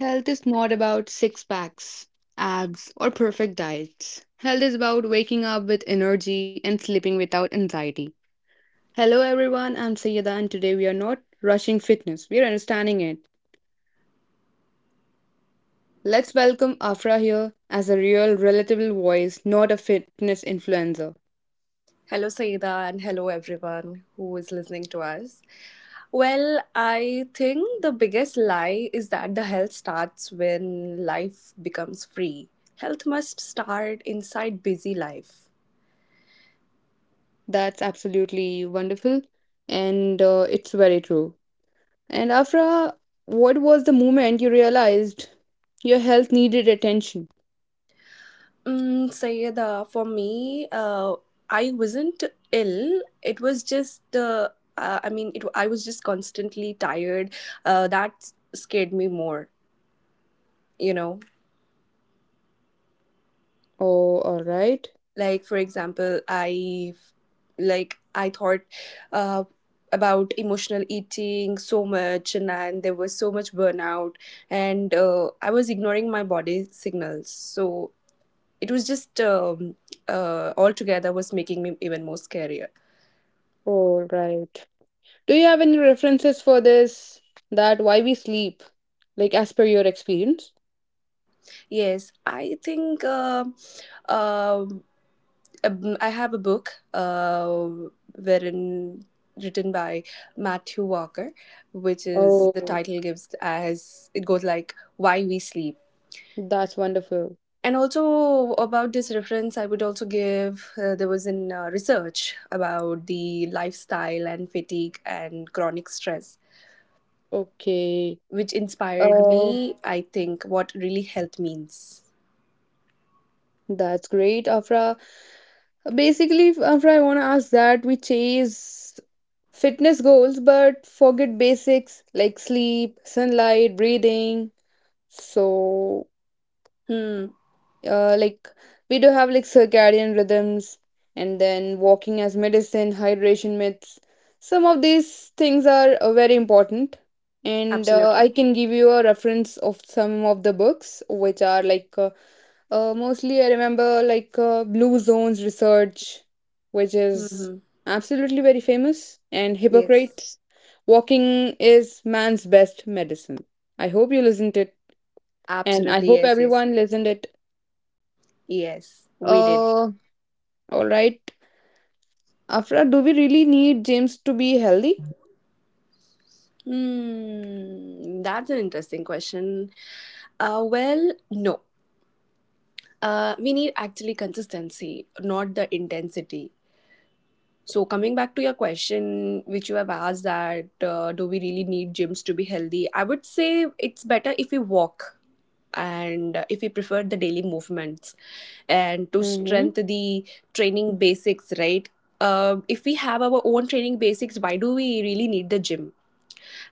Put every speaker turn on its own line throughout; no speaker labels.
Health is not about six packs, abs, or perfect diets. Health is about waking up with energy and sleeping without anxiety. Hello, everyone. I'm Sayeda, and today we are not rushing fitness, we are understanding it. Let's welcome Afra here as a real, relatable voice, not a fitness influencer.
Hello, Saida, and hello, everyone who is listening to us. Well, I think the biggest lie is that the health starts when life becomes free. Health must start inside busy life.
That's absolutely wonderful, and it's very true. And Afra, what was the moment you realized your health needed attention?
Mm, Sayeda, for me, I wasn't ill. It was just, I mean, I was just constantly tired. That scared me more, you know.
Oh, all right.
Like for example I like I thought uh, about emotional eating so much and there was so much burnout and I was ignoring my body signals. So it was just altogether was making me even more scarier.
Oh, right. Do you have any references for this? That why we sleep, like as per your experience?
Yes, I think uh, I have a book wherein written by Matthew Walker, which is the
Oh,
title gives as it goes like why we sleep.
that's wonderful.
And also about this reference, I would also give, there was in research about the lifestyle and fatigue and chronic stress,
Okay.
which inspired
Oh,
me. I think what really health means.
that's great, Afra. Basically, Afra, I want to ask that we chase fitness goals but forget basics like sleep, sunlight, breathing. So,
Hmm.
like we do have like circadian rhythms, and then walking as medicine, hydration myths. Some of these things are very important, and I
Absolutely.
can give you a reference of some of the books which are like mostly I remember, like blue zones research, which is
Mm-hmm.
absolutely very famous. And
Yes.
Hippocrates, walking is man's best medicine. I hope you listened it, and I
Absolutely.
hope
Yes. Yes.
everyone listened it.
Yes. We did.
uh All right. Afra, do we really need gyms to be healthy?
Hmm, that's an interesting question. Well, no. We need actually consistency, not the intensity. So, coming back to your question, which you have asked that, do we really need gyms to be healthy? I would say it's better if we walk, and if we prefer the daily movements and to
Mm-hmm.
strengthen the training basics, right? If we have our own training basics, why do we really need the gym?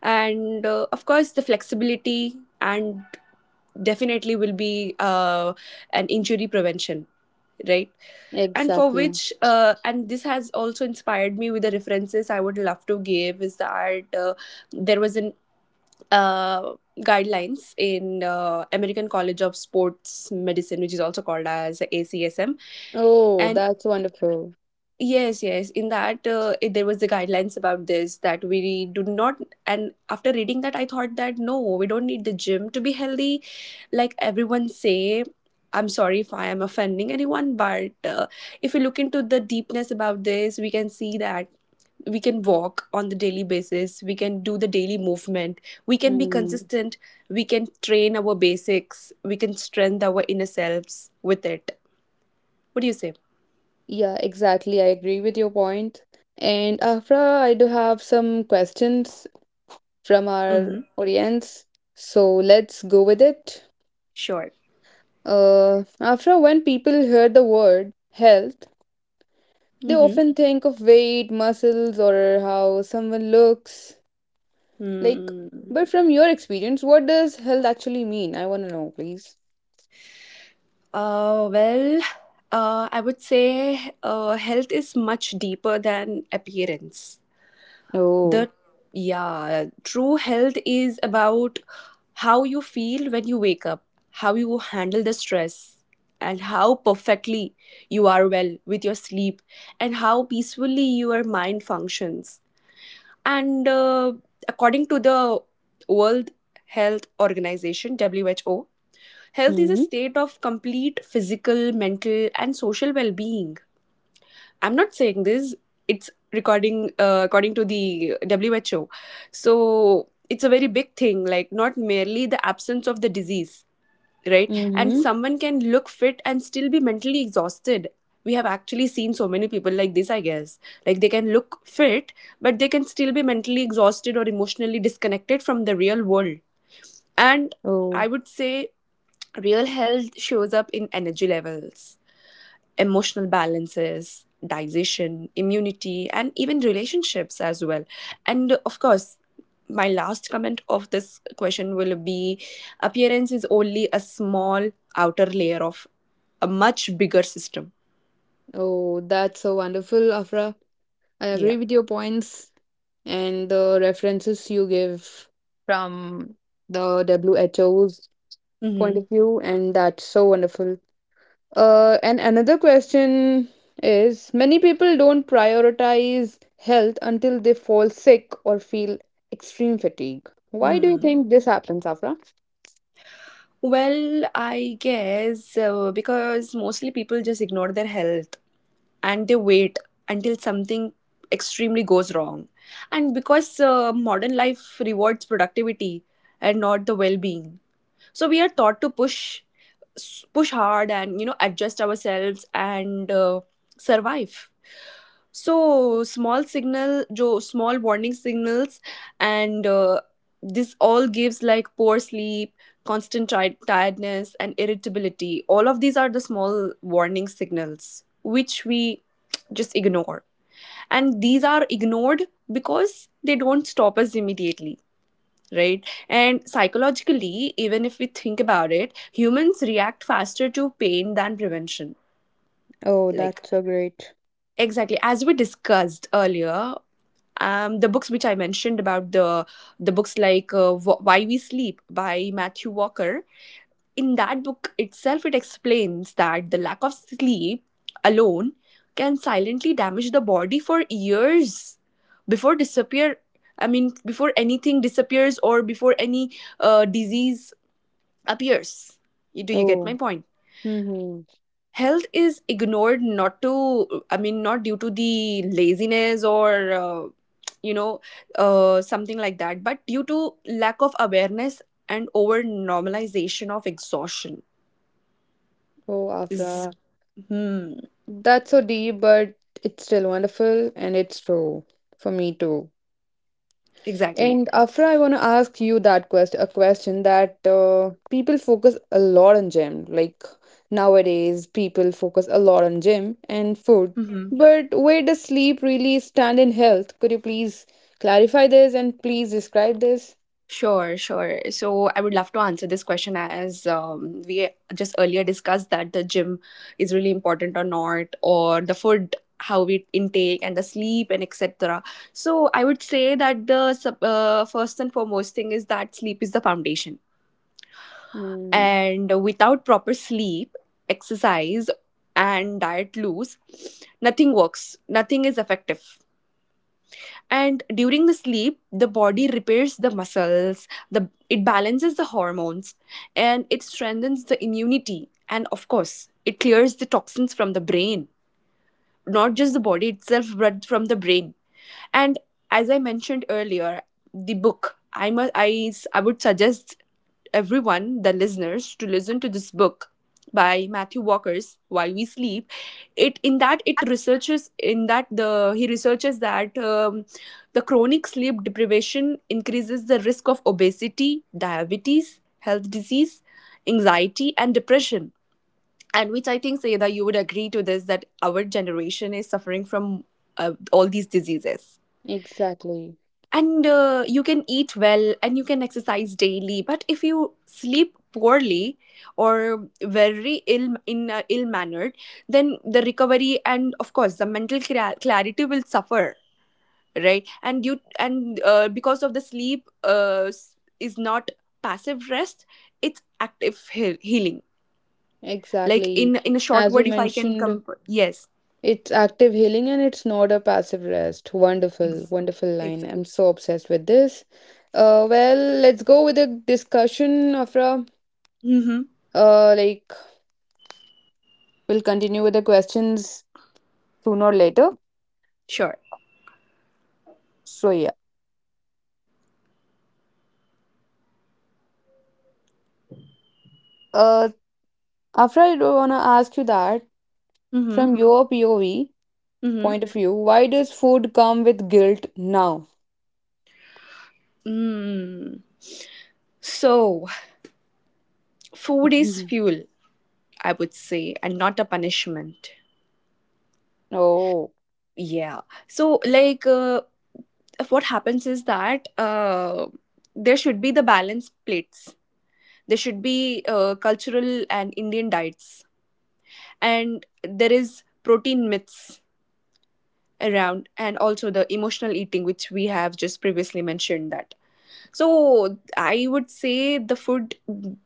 And of course the flexibility and definitely will be an injury prevention, right? And for
Exactly.
which and this has also inspired me with the references, I would love to give is that, there was an uh, guidelines in american college of sports medicine, which is also called as acsm.
Oh,
And
that's wonderful.
yes, yes. In that, there was the guidelines about this that we do not. And after reading that, I thought that no, we don't need the gym to be healthy. Like everyone say, I'm sorry if I am offending anyone, but, if you look into the deepness about this, we can see that we can walk on the daily basis. We can do the daily movement. We can be
Mm.
consistent. We can train our basics. We can strengthen our inner selves with it. What do you say?
Yeah, exactly. I agree with your point. And Afra, I do have some questions from our
Mm-hmm.
audience. So let's go with it.
Sure.
After when people hear the word health, they
Mm-hmm.
often think of weight, muscles, or how someone looks. Like,
Hmm.
but from your experience, what does health actually mean? I want to know, please.
Uh, well, I would say health is much deeper than appearance.
Oh.
The Yeah, true health is about how you feel when you wake up, how you handle the stress, and how perfectly you are well with your sleep, and how peacefully your mind functions. And according to the World Health Organization, WHO, health is a
Mm-hmm.
state of complete physical, mental, and social well being. I'm not saying this, it's recording according to the WHO. So it's a very big thing, like not merely the absence of the disease, right? And
Mm-hmm.
someone can look fit and still be mentally exhausted. We have actually seen so many people like this, I guess. Like they can look fit, but they can still be mentally exhausted or emotionally disconnected from the real world. And I
Oh.
would say real health shows up in energy levels, emotional balances, digestion, immunity, and even relationships as well. And of course, my last comment of this question will be appearance is only a small outer layer of a much bigger system.
Oh, that's so wonderful, Afra. I
Yeah.
agree with your points, and the references you give from the WHO's point
Mm-hmm.
of view, and that's so wonderful. And another question is, many people don't prioritize health until they fall sick or feel extreme fatigue. Why do you
Hmm.
think this happens, Afra?
Well, I guess because mostly people just ignore their health and they wait until something extremely goes wrong. And because modern life rewards productivity and not the well being, so we are taught to push push hard and, you know, adjust ourselves and survive. So small signal small warning signals and this all gives like poor sleep, constant tiredness and irritability. All of these are the small warning signals which we just ignore, and these are ignored because they don't stop us immediately, right? And psychologically, even if we think about it, humans react faster to pain than prevention.
Oh,
Like,
that's so great.
exactly. As we discussed earlier, the books which I mentioned about the books like, Why We Sleep by Matthew Walker. In that book itself, it explains that the lack of sleep alone can silently damage the body for years before disappear. I mean, before anything disappears or before any disease appears. Do you get my
Oh,
point?
mm-hmm.
Health is ignored not to, I mean, not due to the laziness or, you know, something like that, but due to lack of awareness and over normalization of exhaustion.
Oh,
Is,
Afra.
hmm,
That's so deep, but it's still wonderful and it's true for me too.
exactly.
And Afra, I want to ask you that question, a question that people focus a lot on gym. Like nowadays, people focus a lot on gym and food.
Mhm.
But where does sleep really stand in health? Could you please clarify this and please describe this?
Sure, sure. So I would love to answer this question as, we just earlier discussed that the gym is really important or not, or the food, how we intake, and the sleep, and etc. So I would say that the first and foremost thing is that sleep is the foundation.
Mm,
And without proper sleep, exercise, and diet loose, nothing works, nothing is effective. And during the sleep, the body repairs the muscles, the it balances the hormones, and it strengthens the immunity, and of course it clears the toxins from the brain, not just the body itself but from the brain. And as I mentioned earlier, the book I would suggest everyone, the listeners, to listen to this book by Matthew Walker's While We Sleep. It in that it researches in that the He researches that, the chronic sleep deprivation increases the risk of obesity, diabetes, health disease, anxiety, and depression. And which I think, Sayeda, you would agree to this, that our generation is suffering from all these diseases.
exactly.
And you can eat well and you can exercise daily, but if you sleep poorly or very ill, in ill mannered, then the recovery and of course the mental clarity will suffer, right? And you and because of the sleep, is not passive rest, it's active healing. Like,
Exactly.
in a short
As you
word if I can
mentioned,
come, yes.
it's active healing and it's not a passive rest. Wonderful,
ex-
wonderful line.
exactly.
I'm so obsessed with this. Well, let's go with the discussion, Afra.
Mm-hmm.
Like, we'll continue with the questions sooner or later.
Sure.
So yeah. Uh, Afra, I wanna ask you that
Mm-hmm.
from your POV
Mm-hmm.
point of view, why does food come with guilt now?
Mm. So, food is fuel, I would say, and not a punishment.
Oh,
Yeah. So, like, what happens is that, there should be the balanced plates. There should be cultural and Indian diets, and there is protein myths around, and also the emotional eating, which we have just previously mentioned that. So I would say the food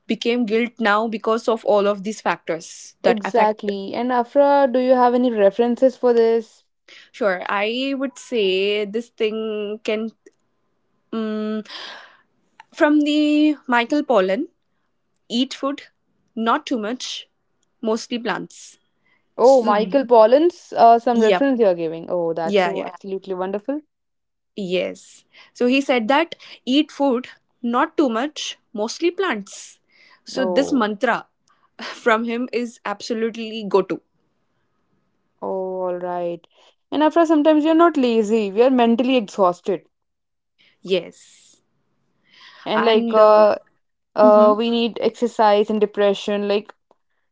became guilt now because of all of these factors that affect.
exactly. And Afra, do you have any references for this?
Sure, I would say this thing can, mm, from the Michael Pollan. Eat food, not too much, mostly plants.
Oh,
So
Michael Pollan's, some
yep,
reference you are giving. Oh, that's
yeah,
so
yeah,
Yeah. absolutely wonderful.
yes. So he said that eat food, not too much, mostly plants. So this
Oh.
mantra from him is absolutely go to.
Oh, all right. And after sometimes we are not lazy, we are mentally exhausted.
Yes,
And like
and mhm,
we need exercise and depression. Like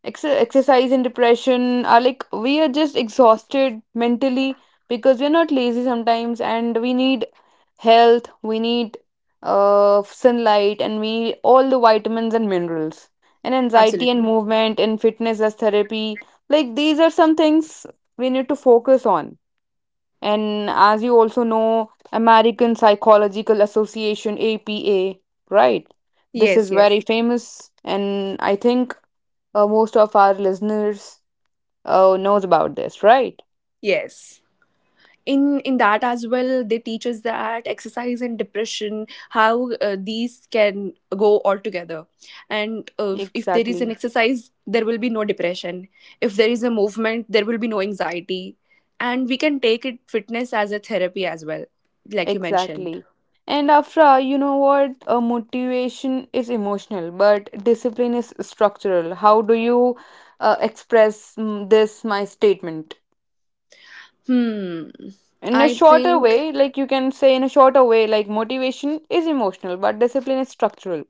ex exercise and depression are like we are just exhausted mentally because we are not lazy sometimes and we need health, we need sunlight and we need all the vitamins and minerals. And anxiety
absolutely
and movement and fitness as therapy. Like these are some things we need to focus on. And as you also know, American Psychological Association, APA, right? This
yes,
is very
yes,
famous, and I think most of our listeners knows about this, right?
yes. In that as well, they teach us that exercise and depression, how these can go all together. And if there is an
Exactly,
exercise, there will be no depression. If there is a movement, there will be no anxiety, and we can take it fitness as a therapy as well, like you mentioned.
exactly. And Afra, you know what? Motivation is emotional, but discipline is structural. How do you express, this, my statement?
Hmm
In a
I
shorter
think
way, like you can say in a shorter way, like motivation is emotional but discipline is structural.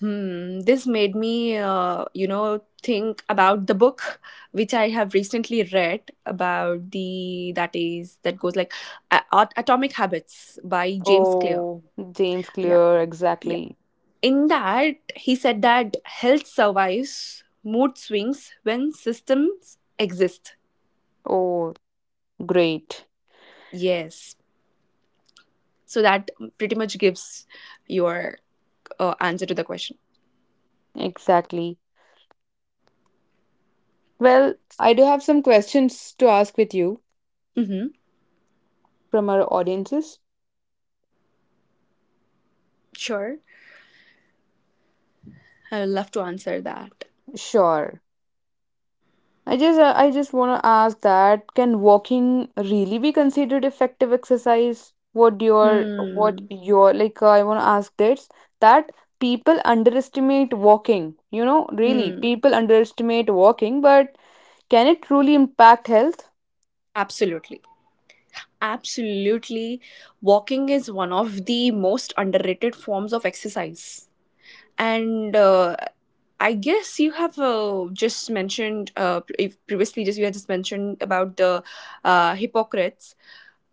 Hmm, this made me, you know, think about the book which I have recently read about the that is that goes like, Atomic Habits by James Clear.
Oh, James
Yeah,
Clear,
yeah.
exactly.
In that, he said that health survives mood swings when systems exist.
Oh, great.
Yes, so that pretty much gives your answer to the question.
Exactly. Well, I do have some questions to ask with you
Mm-hmm.
from our audiences.
Sure, I would love to answer that.
Sure. I just want to ask that can walking really be considered effective exercise? What
Hmm.
your like I want to ask this that people underestimate walking. You know, really,
Hmm.
people underestimate walking, but can it truly impact health?
Absolutely. Absolutely. Walking is one of the most underrated forms of exercise. And I guess you have just mentioned, if previously, just you had just mentioned about the Hippocrates,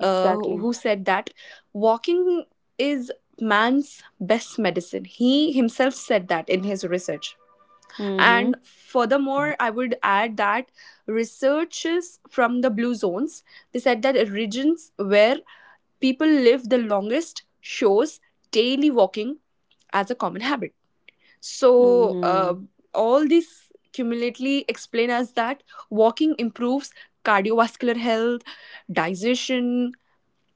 who who said that walking is man's best medicine. He himself said that in his research.
Mm-hmm.
And furthermore, I would add that researchers from the blue zones, they said that regions where people live the longest shows daily walking as a common habit. So,
Mm-hmm.
all this cumulatively explain us that walking improves cardiovascular health, digestion,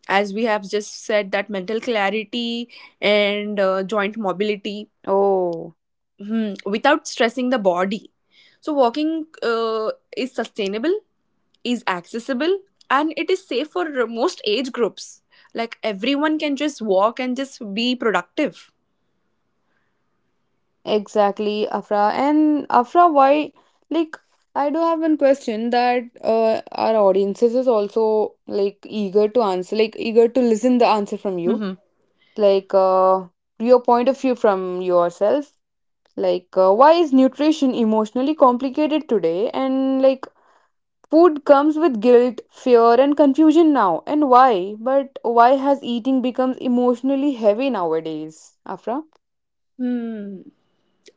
as we have just said, that mental clarity and joint mobility,
Oh.
hmm, without stressing the body. So walking is sustainable, is accessible, and it is safe for most age groups. Like everyone can just walk and just be productive.
Exactly, Afra. And Afra, why? Like, I do have one question that our audiences is also like eager to answer, like eager to listen the answer from you,
Hmm.
like your point of view from yourself. Like, why is nutrition emotionally complicated today? And like, food comes with guilt, fear, and confusion now. And why? But why has eating becomes emotionally heavy nowadays, Afra?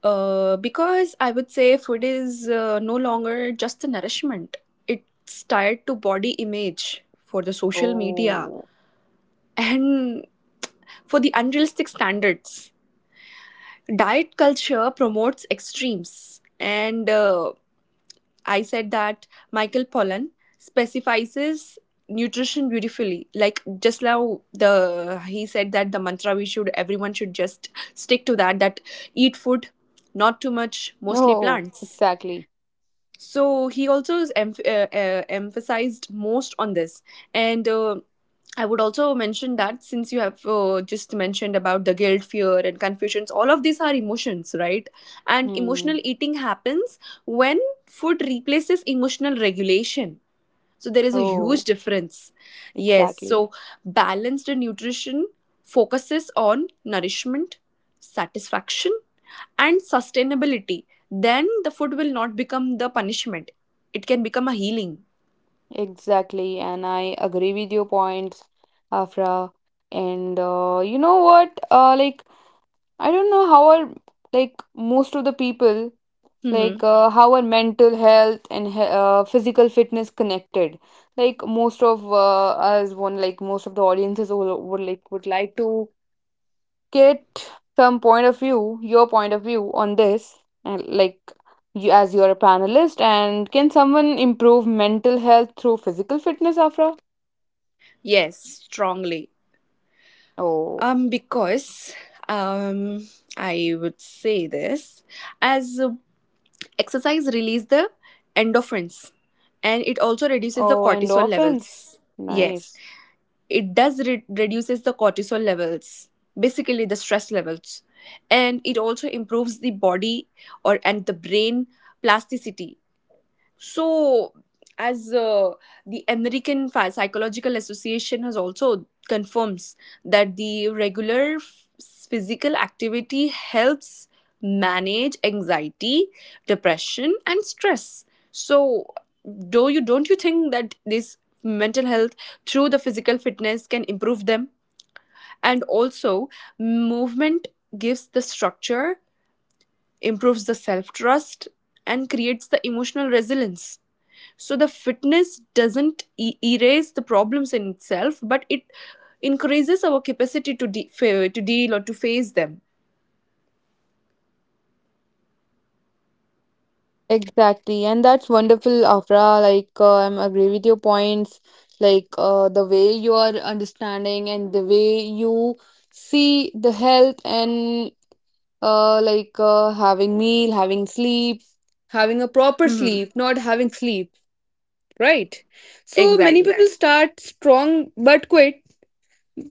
Because I would say food is no longer just a nourishment. It's tied to body image, for the social media
Oh,
and for the unrealistic standards. Diet culture promotes extremes, and I said that Michael Pollan specifies nutrition beautifully. Like just now the he said that the mantra we should everyone should just stick to that eat food, not too much, mostly
oh,
plants.
exactly.
So he also is emphasized most on this. And I would also mention that since you have just mentioned about the guilt, fear and confusions, all of these are emotions, right? And
Hmm.
emotional eating happens when food replaces emotional regulation, so there is a huge
Oh,
difference. Yes,
exactly.
so balanced nutrition focuses on nourishment, satisfaction, and sustainability. Then the food will not become the punishment, it can become a healing.
Exactly. And I agree with your points, Afra. And you know what? Like, I don't know how our, like, most of the people, like,
Mm-hmm.
how our mental health and he physical fitness connected. Like, most of us, one, like, most of the audiences would like to get some point of view, your point of view on this, and like you, as you're a panelist, and can someone improve mental health through physical fitness, Afra?
Yes, strongly.
Oh,
Because um, I would say this as exercise release the endorphins and it also reduces the
oh,
cortisol
endorphins.
levels. Yes,
Nice.
it does reduces the cortisol levels, basically the stress levels, and it also improves the body or and the brain plasticity. So, as uh, the Psychological Association has also confirms that the physical activity helps manage anxiety, depression, and stress. So, do you don't you think that this mental health through the physical fitness can improve them? And also, movement gives the structure, improves the self trust, and creates the emotional resilience. So the fitness doesn't erase the problems in itself, but it increases our capacity to to deal or to face them.
Exactly, and that's wonderful, Afra. Like, I'm agree with your points. Like, the way you are understanding and the way you see the health and having meal, having sleep, having a proper
Hmm.
sleep, not having sleep, right? So many
Exactly.
people start strong but quit.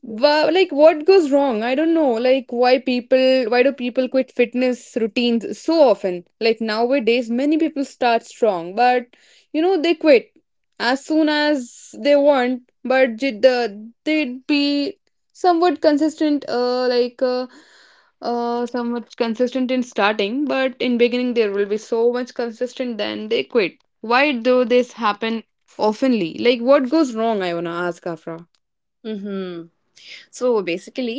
Wow, like what goes wrong? I don't know. Like why do people quit fitness routines so often? Like nowadays many people start strong, but you know they quit as soon as they want, but the they'd be somewhat consistent like somewhat consistent in starting, but in beginning there will be so much consistent then they quit. Why do this happen oftenly? Like what goes wrong, I wanna ask Afra.
Hmm. So basically,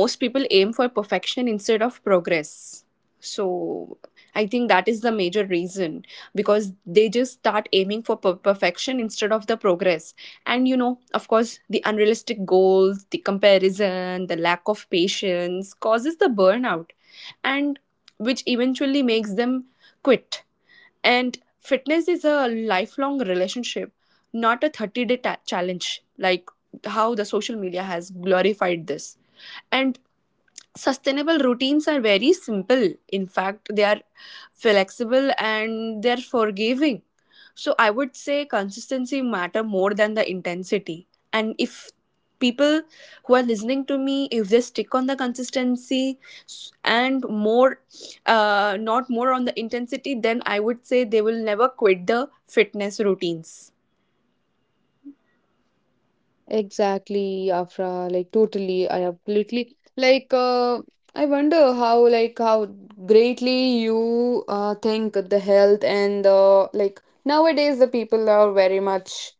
most people aim for perfection instead of progress. So I think that is the major reason, because they just start aiming for perfection instead of the progress. And you know, of course, the unrealistic goals, the comparison, the lack of patience causes the burnout, and which eventually makes them quit. And fitness is a lifelong relationship, not a 30 day challenge, like how the social media has glorified this. And sustainable routines are very simple. In fact, they are flexible and they're forgiving. So I would say consistency matter more than the intensity. And if people who are listening to me, if they stick on the consistency and more, not more on the intensity, then I would say they will never quit the fitness routines.
Exactly, Afra. Like totally, I absolutely like. I wonder how like how greatly you think the health, and the like nowadays the people are very much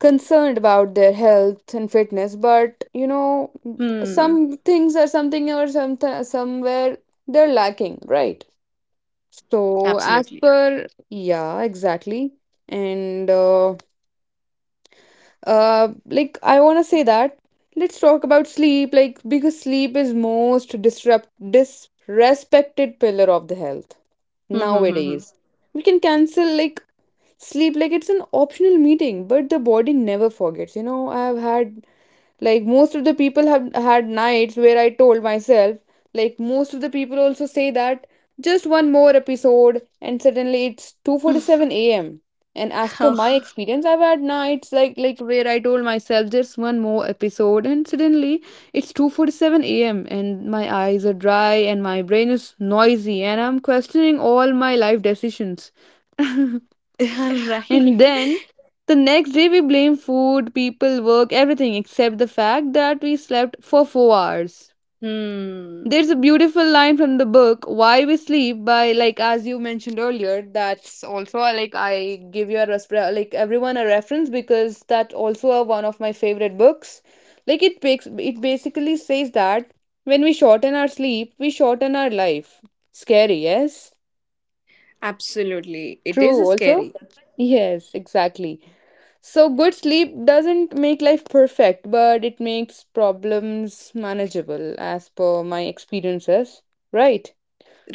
concerned about their health and fitness, but you know
Hmm.
some things are something or somewhere they're lacking, right? So as
Absolutely.
per, yeah, exactly, and. Like I want to say that, let's talk about sleep, like because sleep is most disrupt disrespected pillar of the health
Hmm. Hmm. Hmm.
nowadays. We can cancel like sleep like it's an optional meeting, but the body never forgets. You know, I've had, like most of the people have had nights where I told myself, like most of the people also say that, just one more episode and suddenly it's
Hmm.
2:47 a.m. And as per my experience, I've had nights like where I told myself just one more episode and suddenly it's 2:47 a.m. and my eyes are dry and my brain is noisy and I'm questioning all my life decisions.
Yeah,
And
right.
then the next day we blame food, people, work, everything except the fact that we slept for 4 hours.
Hmm.
There's a beautiful line from the book, Why We Sleep, by, like, as you mentioned earlier, that's also like I give you like everyone a reference, because that also one of my favorite books. Like it basically says that when we shorten our sleep, we shorten our life. Scary, yes?
Absolutely. It
True
is
also?
scary.
Yes, exactly. So, good sleep doesn't make life perfect, but it makes problems manageable, as per my experiences, right?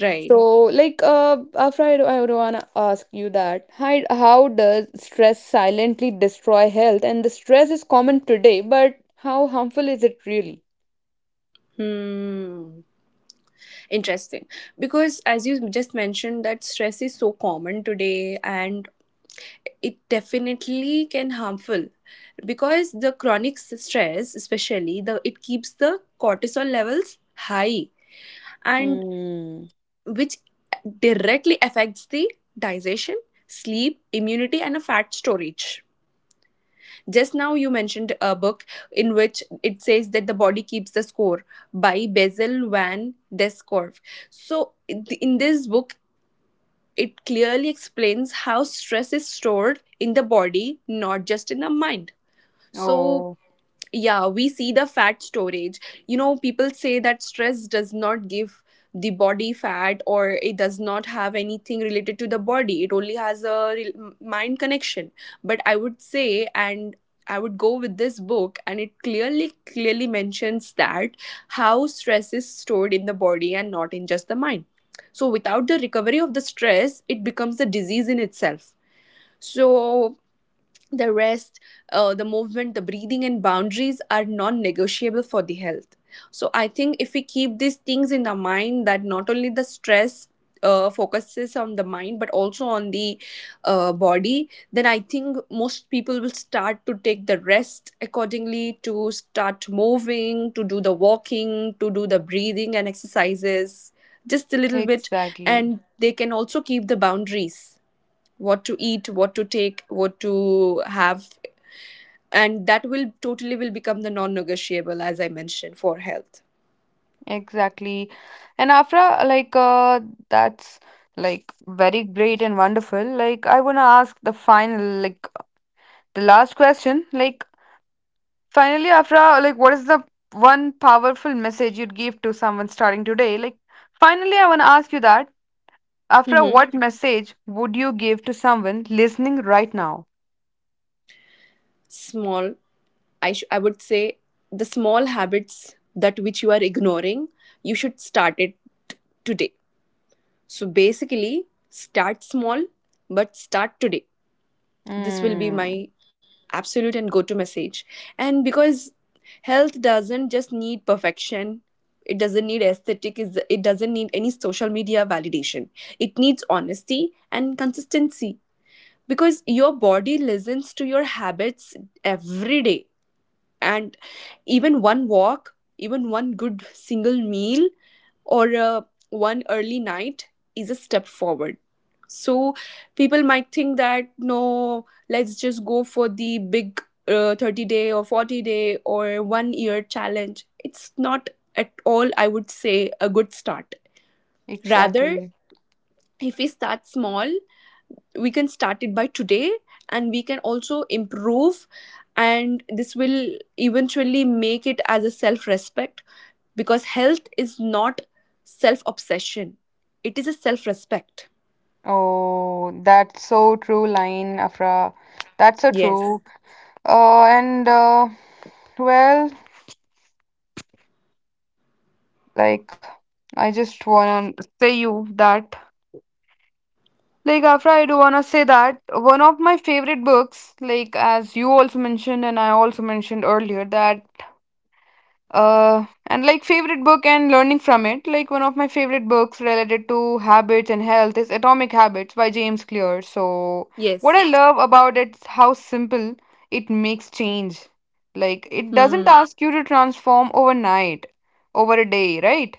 Right.
So, like, after I would wanna ask you that, how does stress silently destroy health? And the stress is common today, but how harmful is it really?
Hmm. Interesting. Because as you just mentioned, that stress is so common today, and it definitely can harmful, because the chronic stress, especially, the it keeps the cortisol levels high, and
Mm.
which directly affects the digestion, sleep, immunity and a fat storage. Just now you mentioned a book in which it says that the body keeps the score by Basil van Descorf. So in this book, it clearly explains how stress is stored in the body, not just in the mind. So
Oh,
yeah, we see the fat storage. You know, people say that stress does not give the body fat, or it does not have anything related to the body. It only has a mind connection. But I would say, and I would go with this book, and it clearly, clearly mentions that how stress is stored in the body and not in just the mind. So, without the recovery of the stress, it becomes a disease in itself. So, the rest, the movement, the breathing, and boundaries are non negotiable for the health. So, I think if we keep these things in our mind, that not only the stress focuses on the mind but also on the body, then I think most people will start to take the rest accordingly, to start moving, to do the walking, to do the breathing and exercises just a little bit,
exactly.
and they can also keep the boundaries, what to eat, what to take, what to have, and that will totally will become the non-negotiable, as I mentioned, for health.
Exactly. And Afra, like that's like very great and wonderful. Like I wanna ask the final, like, the last question. Like finally Afra, like what is the one powerful message you'd give to someone starting today? Like finally I wanna ask you that. Afra,
Hmm.
what message would you give to someone listening right now?
Small, I would say the small habits that which you are ignoring, you should start it t- today. So basically, start small, but start today. This will be my
Mm,
absolute and go to message, and because health doesn't just need perfection, it doesn't need aesthetic is it doesn't need any social media validation, it needs honesty and consistency, because your body listens to your habits every day. And even one walk, even one good single meal, or one early night is a step forward. So people might think that no, let's just go for the big 30 day or 40 day or 1 year challenge. It's not at all, I would say, a good start. Rather,
exactly.
if we start small, we can start it by today, and we can also improve, and this will eventually make it as a self respect, because health is not self obsession, it is a self respect.
Oh, that's so true, line, Afra. That's so
Yes.
true. And Well, like, I just wanna say you that, like, after I do wanna say that one of my favorite books, like, as you also mentioned, and I also mentioned earlier, that, and like, favorite book and learning from it, like, one of my favorite books related to habits and health is Atomic Habits by James Clear. So, what I
Yes.
love about it is how simple it makes change. Like, it doesn't
Hmm.
ask you to transform overnight, over a day, right?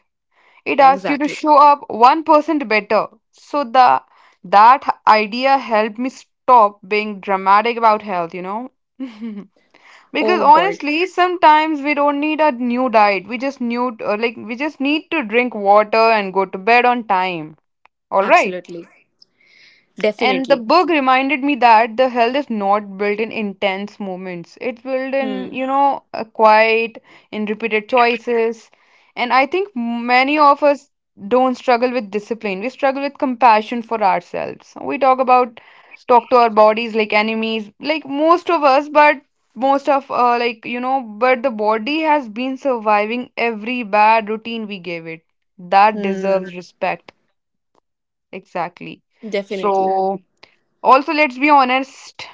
It asks you to
Exactly.
show up 1% better. So the that idea helped me stop being dramatic about health, you know. Because
Oh god.
honestly, sometimes we don't need a new diet. We just need, to drink water and go to bed on time. All right.
Absolutely.
And the
Definitely.
book reminded me that the health is not built in intense moments. It's built in,
Hmm.
you know, a quiet, in repeated choices. And I think many of us don't struggle with discipline. We struggle with compassion for ourselves. We talk to our bodies like enemies, like most of us, but most of but the body has been surviving every bad routine we gave it. That
Hmm.
deserves respect. Exactly.
Definitely.
So also, let's be honest,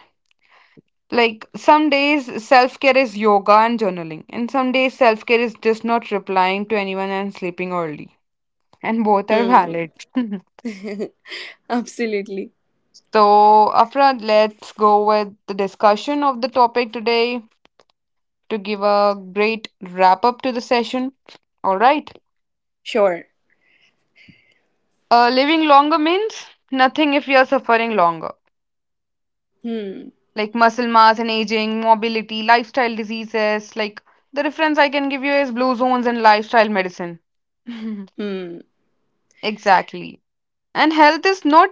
like some days self care is yoga and journaling, and some days self care is just not replying to anyone and sleeping early. And both are
Hmm.
valid.
Absolutely.
So, Afra, let's go with the discussion of the topic today to give a great wrap up to the session. All right.
Sure.
Living longer means nothing if you're suffering longer.
Hmm.
Like muscle mass and aging, mobility, lifestyle diseases. Like the reference I can give you is blue zones and lifestyle medicine.
Hmm.
Exactly. And health is not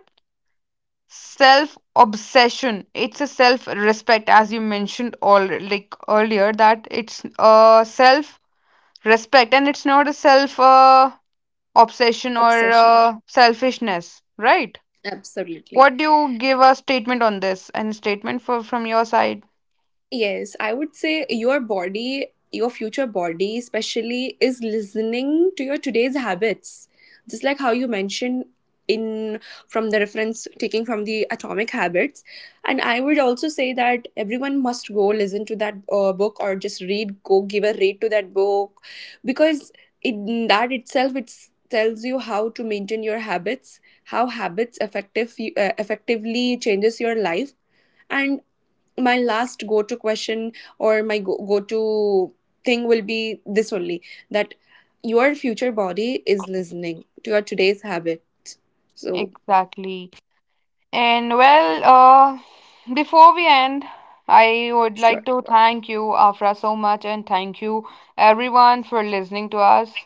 self obsession, it's a self respect, as you mentioned all like earlier, that it's a self respect and it's not a self obsession or
Obsession.
selfishness, right?
Absolutely.
What do you give a statement on this? Any statement for from your side?
Yes, I would say your body, your future body, especially, is listening to your today's habits. Just like how you mentioned, in from the reference taking from the Atomic Habits. And I would also say that everyone must go listen to that book, or just read go give a read to that book, because in that itself it tells you how to maintain your habits, how habits effectively changes your life. And my last go to question, or my go to thing will be this only, that your future body is listening to your today's habits. So,
Exactly. And well, before we end, I would
sure,
like to thank you, Afra, so much, and thank you everyone for listening to us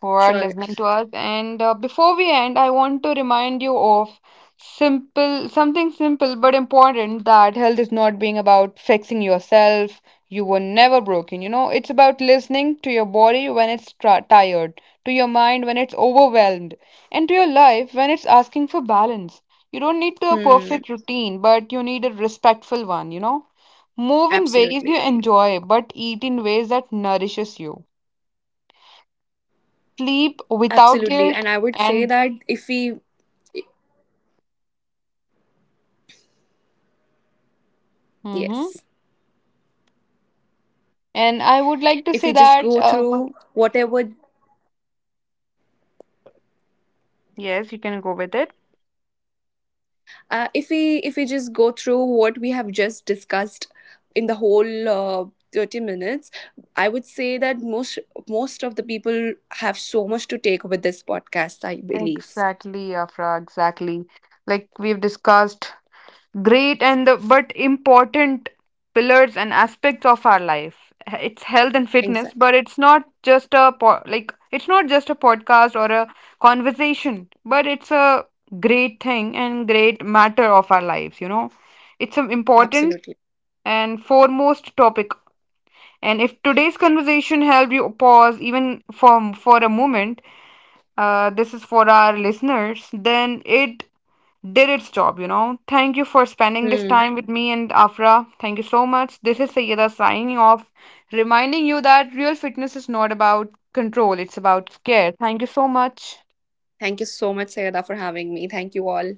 who are
sure.
listening to us. And before we end, I want to remind you of simple something simple but important, that health is not being about fixing yourself. You were never broken. You know, it's about listening to your body when it's tired, to your mind when it's overwhelmed, and to your life when it's asking for balance. You don't need a
Hmm,
perfect routine, but you need a respectful one, you know? Move in ways
absolutely.
you enjoy, but eat in ways that nourishes you, sleep without
Absolutely.
guilt,
And I would say
and
that if we,
Mm-hmm.
yes,
And I would like to
if we
say
just
that
go through whatever
yes, you can go with it.
if we just go through what we have just discussed in the whole 30 minutes, I would say that most of the people have so much to take with this podcast, I believe.
Exactly, Afra, exactly. Like we've discussed great and the but important pillars and aspects of our life. It's health and fitness,
Exactly.
but it's not just a podcast or a conversation, but it's a great thing and great matter of our lives, you know. It's an important
Absolutely.
and foremost topic. And if today's conversation helped you pause even for a moment, this is for our listeners, then it did its job, you know. Thank you for spending this
Hmm.
time with me and Afra. Thank you so much. This is Sayyeda signing off, reminding you that real fitness is not about control, it's about care. Thank you so much.
Thank you so much Sayada for having me. Thank you all.